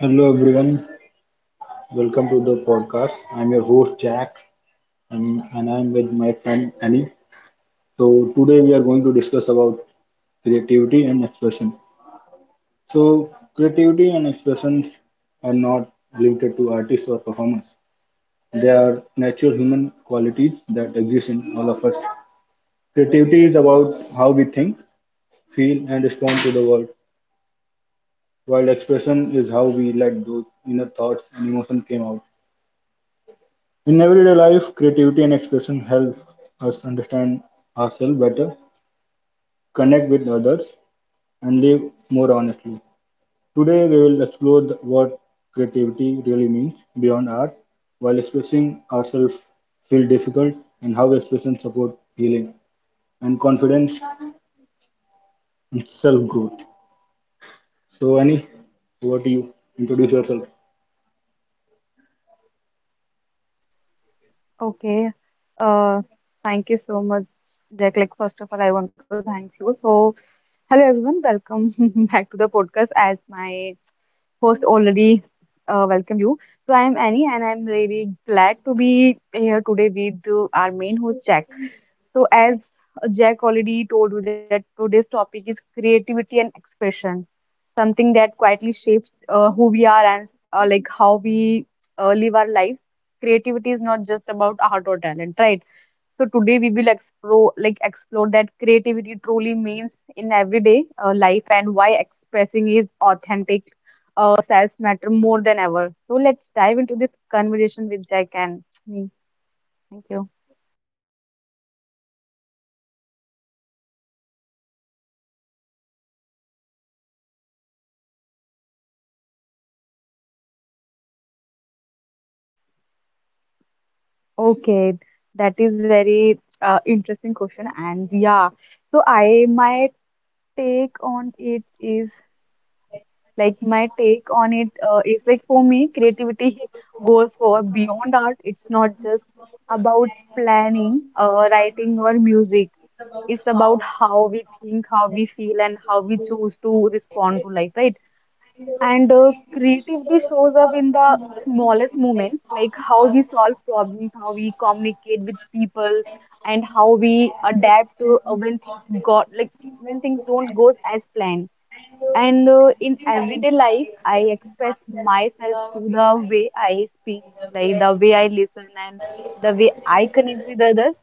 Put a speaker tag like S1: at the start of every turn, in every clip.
S1: Hello everyone, welcome to the podcast. I'm your host Jack and I'm with my friend Annie. So today we are going to discuss about creativity and expression. So creativity and expressions are not limited to artists or performers. They are natural human qualities that exist in all of us. Creativity is about how we think, feel and respond to the world, while expression is how we let those inner thoughts and emotions come out. In everyday life, creativity and expression help us understand ourselves better, connect with others, and live more honestly. Today, we will explore what creativity really means beyond art, while expressing ourselves feel difficult, and how expression support healing and confidence and self growth. So, Annie, over to you. Introduce yourself.
S2: Okay. Uh, Thank you so much, Jack. Like, first of all, I want to thank you. So, hello everyone. Welcome back to the podcast. As my host already welcomed you. So I am Annie, and I'm really glad to be here today with our main host Jack. So as Jack already told you that today's topic is creativity and expression, something that quietly shapes who we are and like how we live our lives. Creativity is not just about art or talent, right? So today we will explore explore that creativity truly means in everyday life and why expressing is authentic self matter more than ever. So let's dive into this conversation with Jack and me. Thank you. Okay, that is very interesting question, and yeah, so I my take on it is Like my take on it is like for me, creativity goes for beyond art. It's not just about planning, writing, or music. It's about how we think, how we feel, and how we choose to respond to life, right? And Creativity shows up in the smallest moments, like how we solve problems, how we communicate with people, and how we adapt to when things don't go as planned. And In everyday life, I express myself through the way I speak, like the way I listen and the way I connect with others.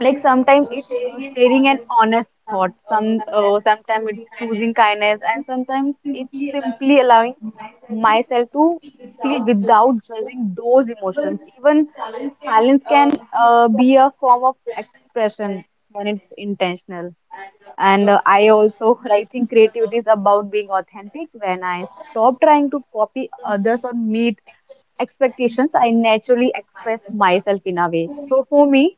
S2: Like sometimes it's sharing an honest thought, sometimes it's choosing kindness, and sometimes it's simply allowing myself to feel without judging those emotions. Even silence can be a form of expression when it's intentional. And I think creativity is about being authentic. When I stop trying to copy others or meet expectations, I naturally express myself in a way. So for me,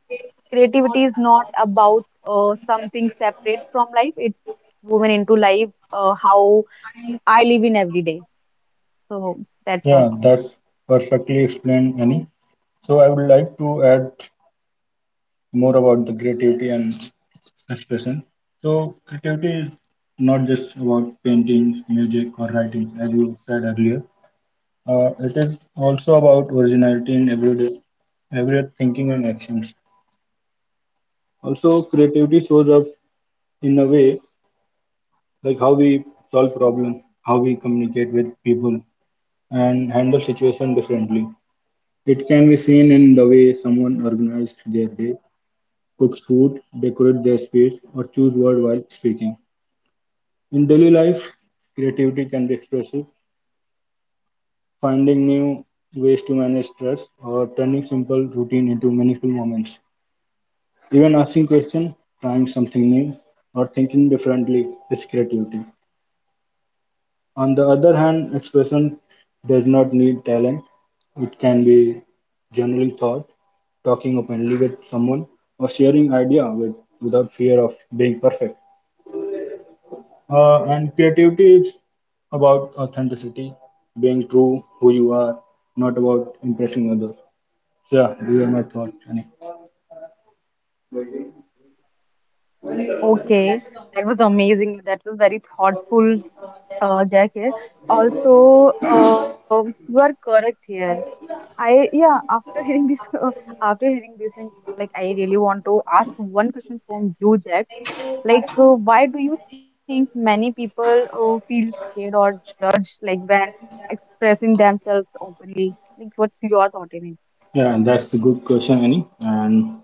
S2: creativity is not about something separate from life. It's woven into life, how I live in every day. So that's all
S1: Yeah,
S2: from me.
S1: that's perfectly explained, Annie. So I would like to add more about the creativity and expression. So creativity is not just about painting, music, or writing, as you said earlier. It is also about originality in everyday thinking and actions. Also, creativity shows up in a way like how we solve problems, how we communicate with people, and handle situations differently. It can be seen in the way someone organizes their day, cooks food, decorates their space, or choose word while speaking. In daily life, creativity can be expressive, finding new ways to manage stress or turning simple routine into meaningful moments. Even asking questions, trying something new, or thinking differently is creativity. On the other hand, expression does not need talent. It can be generally thought, talking openly with someone, or sharing idea without fear of being perfect. And creativity is about authenticity, being true who you are, not about impressing others. So, yeah, these are my thoughts, Annie.
S2: Oh, that was amazing. That was very thoughtful, Jack here. Also, you are correct here. I yeah, after hearing this after hearing these things, like I really want to ask one question from you, Jack. Like, why do you think many people feel scared or judged like when expressing themselves openly? Like, what's your thought in
S1: Yeah, and that's a good question, Annie. And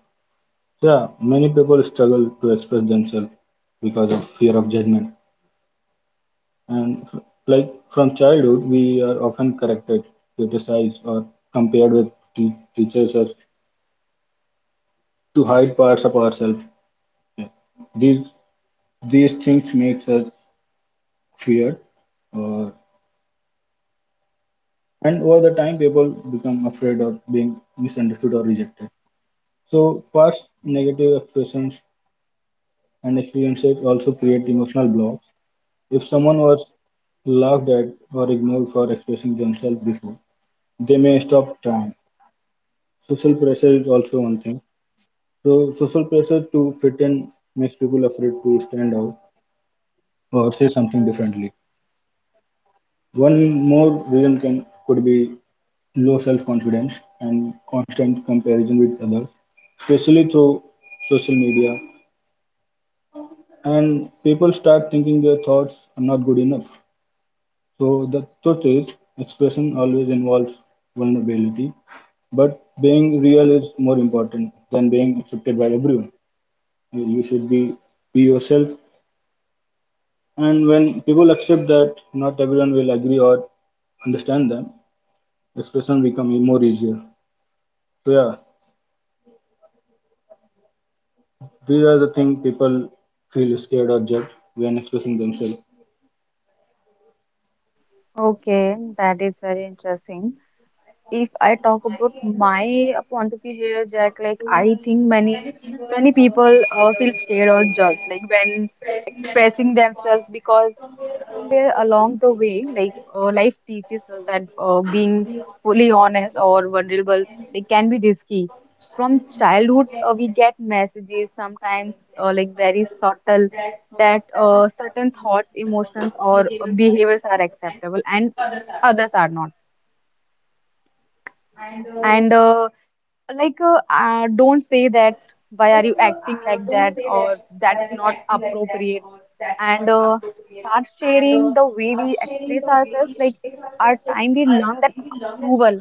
S1: yeah, many people struggle to express themselves because of fear of judgment. And like from childhood, we are often corrected, criticized, or compared with teachers as to hide parts of ourselves. Yeah. These these things makes us fear or and over the time people become afraid of being misunderstood or rejected. So past negative expressions and experiences also create emotional blocks. If someone was laughed at or ignored for expressing themselves before, they may stop trying. Social pressure is also one thing. So social pressure to fit in makes people afraid to stand out or say something differently. One more reason can could be low self-confidence, and constant comparison with others, especially through social media. And people start thinking their thoughts are not good enough. So the truth is, expression always involves vulnerability, but being real is more important than being accepted by everyone. You should be yourself, and when people accept that not everyone will agree or understand them, expression become more easier. So yeah, these are the things people feel scared or judged when expressing themselves.
S2: it? Okay, that is very interesting. If I talk about my point of view here, Jack, like I think many people feel scared or judged like when expressing themselves because somewhere along the way, like life teaches us that being fully honest or vulnerable they can be risky. From childhood, we get messages sometimes like very subtle that certain thoughts, emotions, or behaviors are acceptable and others are not. And don't say that. Why are you acting like that? Or that's not appropriate and start sharing the way we express ourselves, like our time we learn that approval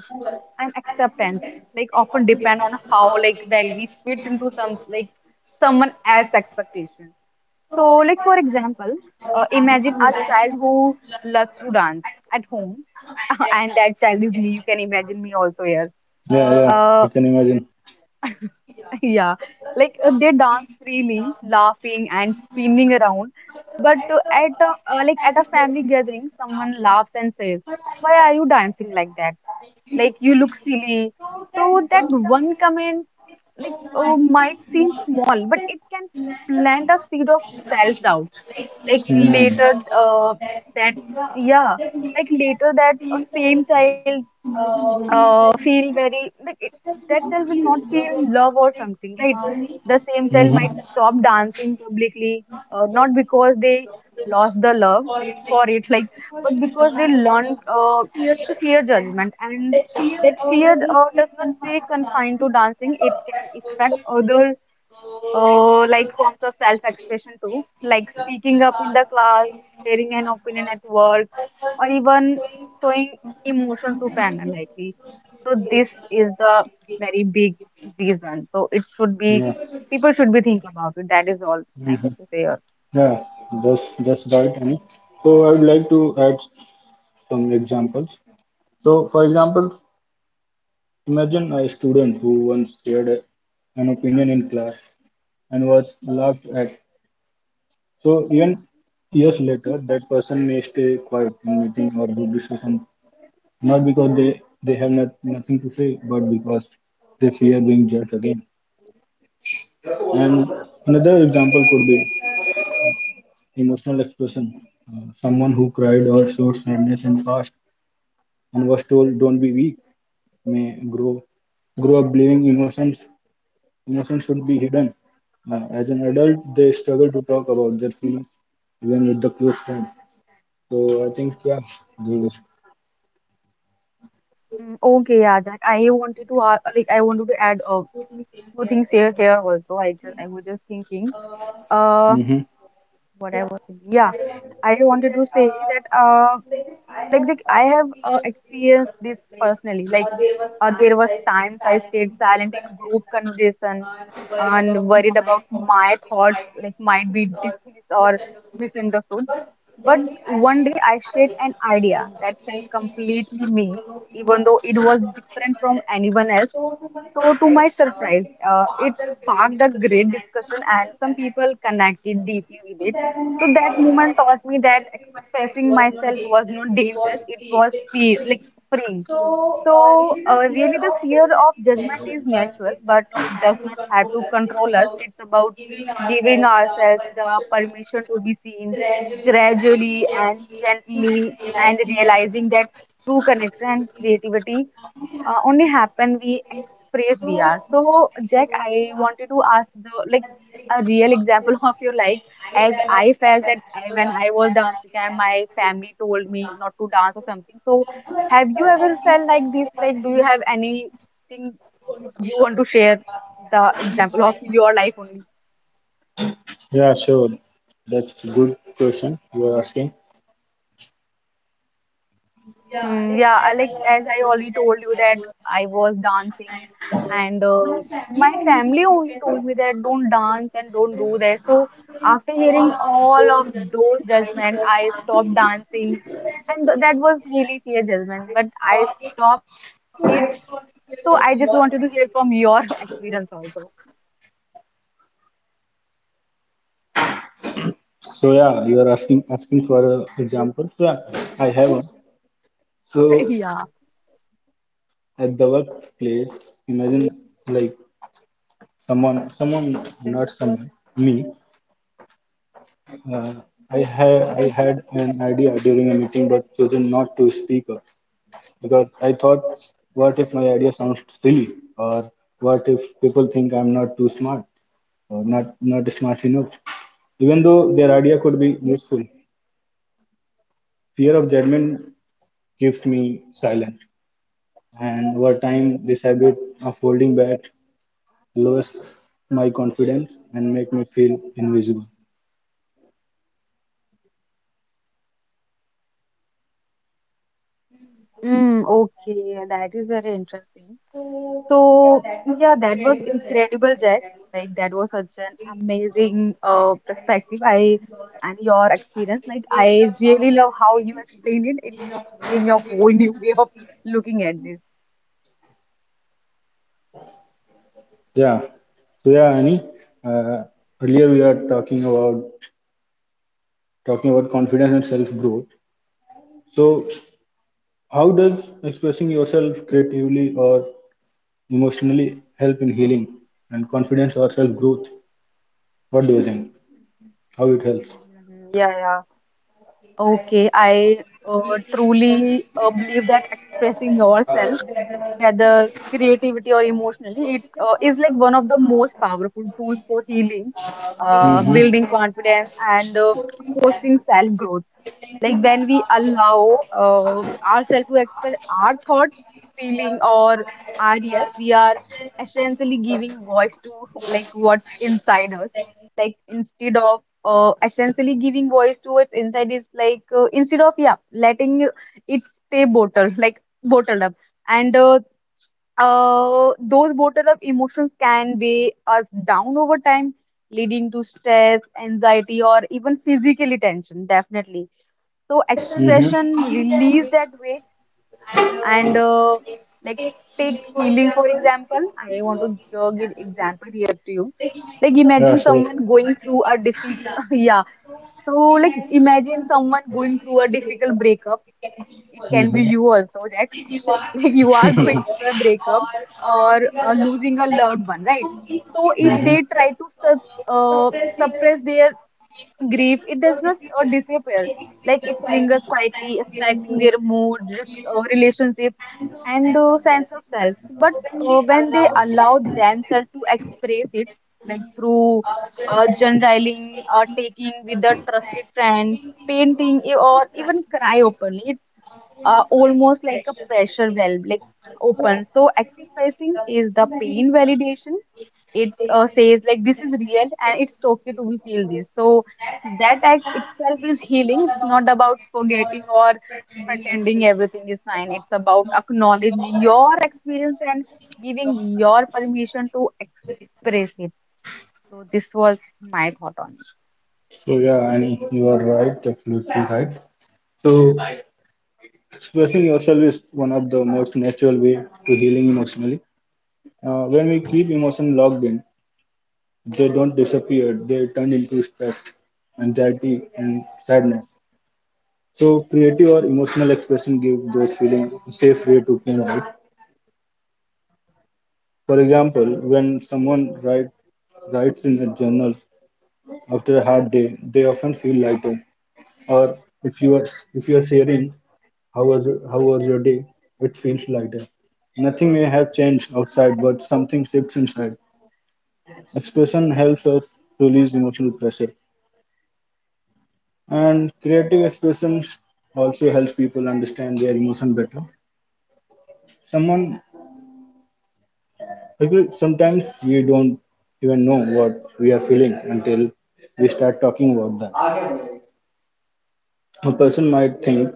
S2: and acceptance like often depend on how like well we fit into someone else's expectation. So like for example, imagine a child who loves to dance at home and that child is me, you can imagine me also here.
S1: Yeah, yeah, I
S2: Uh,
S1: can imagine.
S2: yeah, like they dance freely, laughing and spinning around. But at a family gathering, someone laughs and says, "Why are you dancing like that? Like you look silly." So that one comment, like might seem small, but plant a seed of self-doubt. Like later, that yeah, like later that same child feel very like it, that child will not feel love or something, right? Same child might stop dancing publicly, not because they lost the love for it, like, but because they learned to fear judgment. And fear doesn't find to dancing; it can affect other forms of self-expression too, like speaking up in the class, sharing an opinion at work, or even showing emotion to parents. So this is the very big reason. So it should be,
S1: Yeah.
S2: people should be thinking about it. That is all I
S1: Mhm.
S2: want to say.
S1: Yeah, that's right, Annie. So I would like to add some examples. So, for example, imagine a student who once shared an opinion in class and was laughed at. So even years later, that person may stay quiet in meeting or group discussion, not because they have nothing to say, but because they fear being judged again. And another example could be emotional expression. Someone who cried or showed sadness in past and was told, "Don't be weak," may grow up believing emotions should be hidden. As an adult, they struggle to talk about their feelings, even with the close friend. So I think yeah, the,
S2: Mm, okay, yeah, Jack. I wanted to ask, like, I wanted to add two things here also. I just, I was just thinking, uh,
S1: hmm
S2: what I was thinking. Yeah, I wanted to say that, like I have experienced this personally. Like, there was times I stayed silent in group conversation and worried about my thoughts, like, might be dismissed misunderstood. But one day I shared an idea that felt completely me, even though it was different from anyone else. So, to my surprise, it sparked a great discussion, and some people connected deeply with it and taught me that expressing myself was not dangerous. It was free, like freeing. So, really, the fear of judgment is natural, but it does not have to control us. It's about giving ourselves the permission to be seen gradually and gently, and realizing that true connection and creativity only happen we express we are. So, Jack, I wanted to ask the like a real example of your life, as I felt that when I was dancing and my family told me not to dance or something. So have you ever felt like this? Like, do you have anything you want to share, the example of your life only?
S1: yeah, sure. That's a good question you are asking.
S2: Mm, yeah, I like as I already told you that I was dancing, and my family only told me that don't dance and don't do that. So after hearing all of those judgment, I stopped dancing, and that was really fair judgment. But I stopped it. So I just wanted to hear from your experience also.
S1: So yeah, you are asking for an example. So yeah, I have one. So
S2: Yeah.
S1: at the workplace, imagine like someone, someone, not someone, me. Uh, I had an idea during a meeting, but chosen not to speak up, because I thought, what if my idea sounds silly, or what if people think I'm not too smart or not smart enough? Even though their idea could be useful, fear of judgment keeps me silent, and over time, this habit of holding back lowers my confidence and make me feel invisible.
S2: Mm, okay, that is very interesting. So yeah, that was incredible, Jack. Like that was such an amazing perspective. I and your experience. Like I really love how you explained it. It gave me a whole new way of looking at this.
S1: Yeah. So yeah, Annie. Uh, earlier we are talking about confidence and self growth. So how does expressing yourself creatively or emotionally help in healing and confidence or self growth? What do you think? How it helps?
S2: Mhm. Yeah, yeah. Okay, I truly believe that expressing yourself, whether creativity or emotionally, it is like one of the most powerful tools for healing,
S1: Hmm.
S2: building confidence, and fostering self growth. Like when we allow ourselves to express our thoughts, feeling, or ideas, we are essentially giving voice to like what's inside us. Like, instead of essentially giving voice to it inside is like instead of yeah letting it stay bottled like bottled up and those bottled up emotions can weigh us down over time, leading to stress, anxiety, or even physically tension, definitely. So expression,
S1: Mm-hmm.
S2: release them and take healing. For example, I want to give example here to you. Like
S1: Yeah,
S2: imagine
S1: sure.
S2: someone through a di- yeah. So like imagine someone going through a difficult breakup. It can be you
S1: Mm-hmm.
S2: also, Jack. Like you are going through a breakup or losing a loved one, right? So if
S1: mm-hmm.
S2: they uh, their grief, it does not disappear. Like it lingers quietly, affecting their mood, risk, relationship, and sense of self. But when they allow themselves to express it, like through journaling, or taking with a trusted friend, painting, or even cry openly, it almost like a pressure valve, like open. So expressing is the pain validation, it says like this is real and it's okay to we feel this. So that act itself is healing. It's not about forgetting or pretending everything is fine. It's about acknowledging your experience and giving your permission to express it. So this was my thought on it.
S1: So yeah, Annie, you are right, absolutely right. So expressing yourself is one of the most natural way to healing emotionally. When we keep emotion locked in, they don't disappear, they turn into stress, anxiety, and sadness. So, creative or emotional expression give those feelings a safe way to came out. For example, when someone writes in a journal after a hard day, they often feel lighter. Or if you are if you are sharing how was your day, it feels lighter. Nothing may have changed outside, but something shifts inside. Expression helps us release emotional pressure. And creative expressions also helps people understand their emotion better. Someone Sometimes we don't even know what we are feeling until we start talking about that. A person might think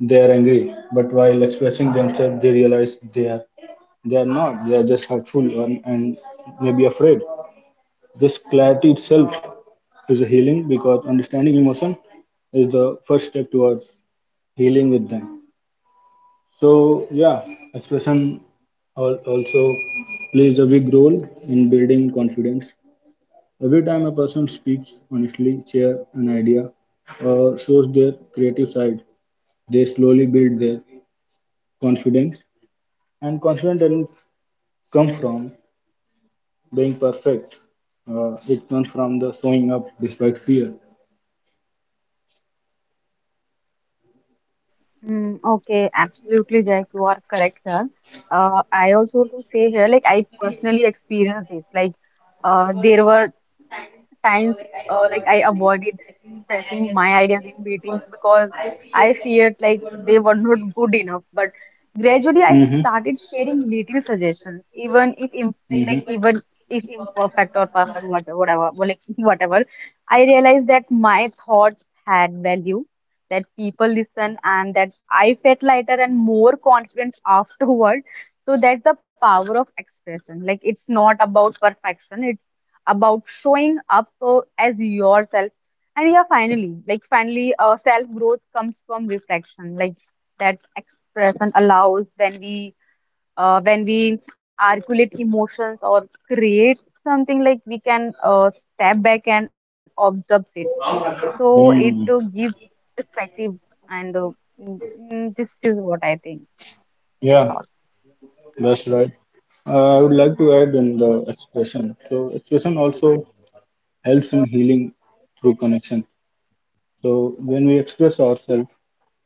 S1: they are angry, but while expressing themselves, they realize they are not. They are just hurtful and maybe afraid. This clarity itself is a healing because understanding emotion is the first step towards healing with them. So yeah, expression also plays a big role in building confidence. Every time a person speaks honestly, share an idea, or shows their creative side, they slowly build their confidence. And confidence doesn't come from being perfect. It comes from the showing up despite fear.
S2: Mm, okay, absolutely, Jack. You are correct here.
S1: Mm-hmm.
S2: I also want to say here, like I personally experienced this. Like, there were times like I avoided expressing my ideas in meetings because I feared like they were not good enough. But gradually I started sharing little suggestions, even if imperfect or perfect, whatever, whatever, well, like whatever. I realized that my thoughts had value, that people listen, and that I felt lighter and more confident afterward. So that's the power of expression. Like it's not about perfection. It's about showing up as yourself. And yeah, finally, self growth comes from reflection. Like that expression allows when we articulate emotions or create something like we can step back and observe it. So it
S1: Mm-hmm. Mm.
S2: gives perspective, and uh, mm, this is what I think. That's all.
S1: Yeah, that's right. I would like to add in the expression. So expression also helps in healing through connection. So when we express ourselves,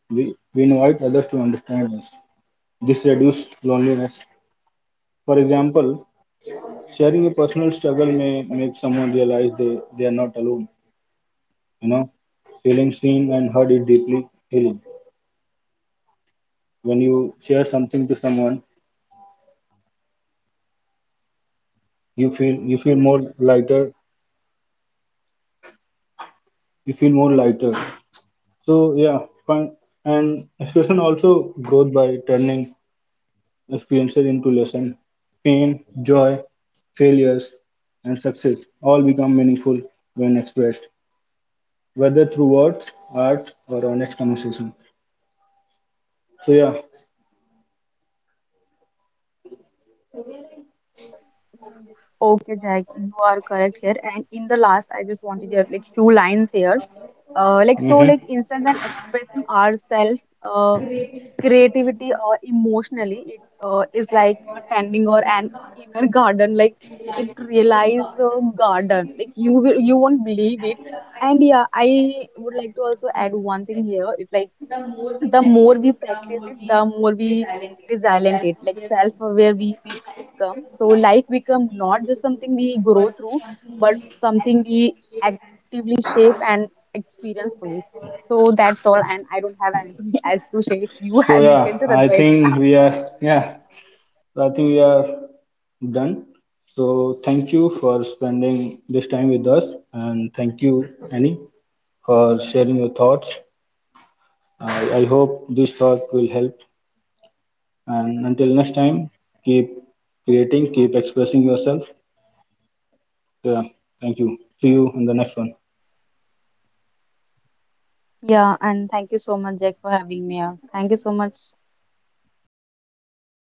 S1: we invite others to understand us. This reduces loneliness. For example, sharing a personal struggle may make someone realize they are not alone. You know, feeling seen and heard is deeply healing. When you share something to someone, you feel more lighter. You feel more lighter. So yeah, fun and expression also growth by turning experiences into lesson, pain, joy, failures, and success all become meaningful when expressed, whether through words, art, or honest conversation. So yeah,
S2: Okay, Jack, you are correct here. And in the last, I just wanted to have like few lines here. Like so,
S1: hmm.
S2: like in ourselves, creativity or emotionally, it is like attending or an inner garden. Like it realize a garden. Like you will, you won't believe it. And yeah, I would like to also add one thing here. It's like the more we practice, the more we is talented, like self-aware we become. So life become not just something we grow through, but something we actively shape and experience fully. So that's all, and I don't have anything else to say. If you have, you
S1: So
S2: can share.
S1: yeah,
S2: Otherwise,
S1: I think we are yeah, I think we are done. So thank you for spending this time with us, and thank you, Annie, for sharing your thoughts. I hope this talk will help. And until next time, keep creating, keep expressing yourself. Yeah, thank you. See you in the next one.
S2: yeah. And thank you so much, Jack, for having me here. Thank you so much.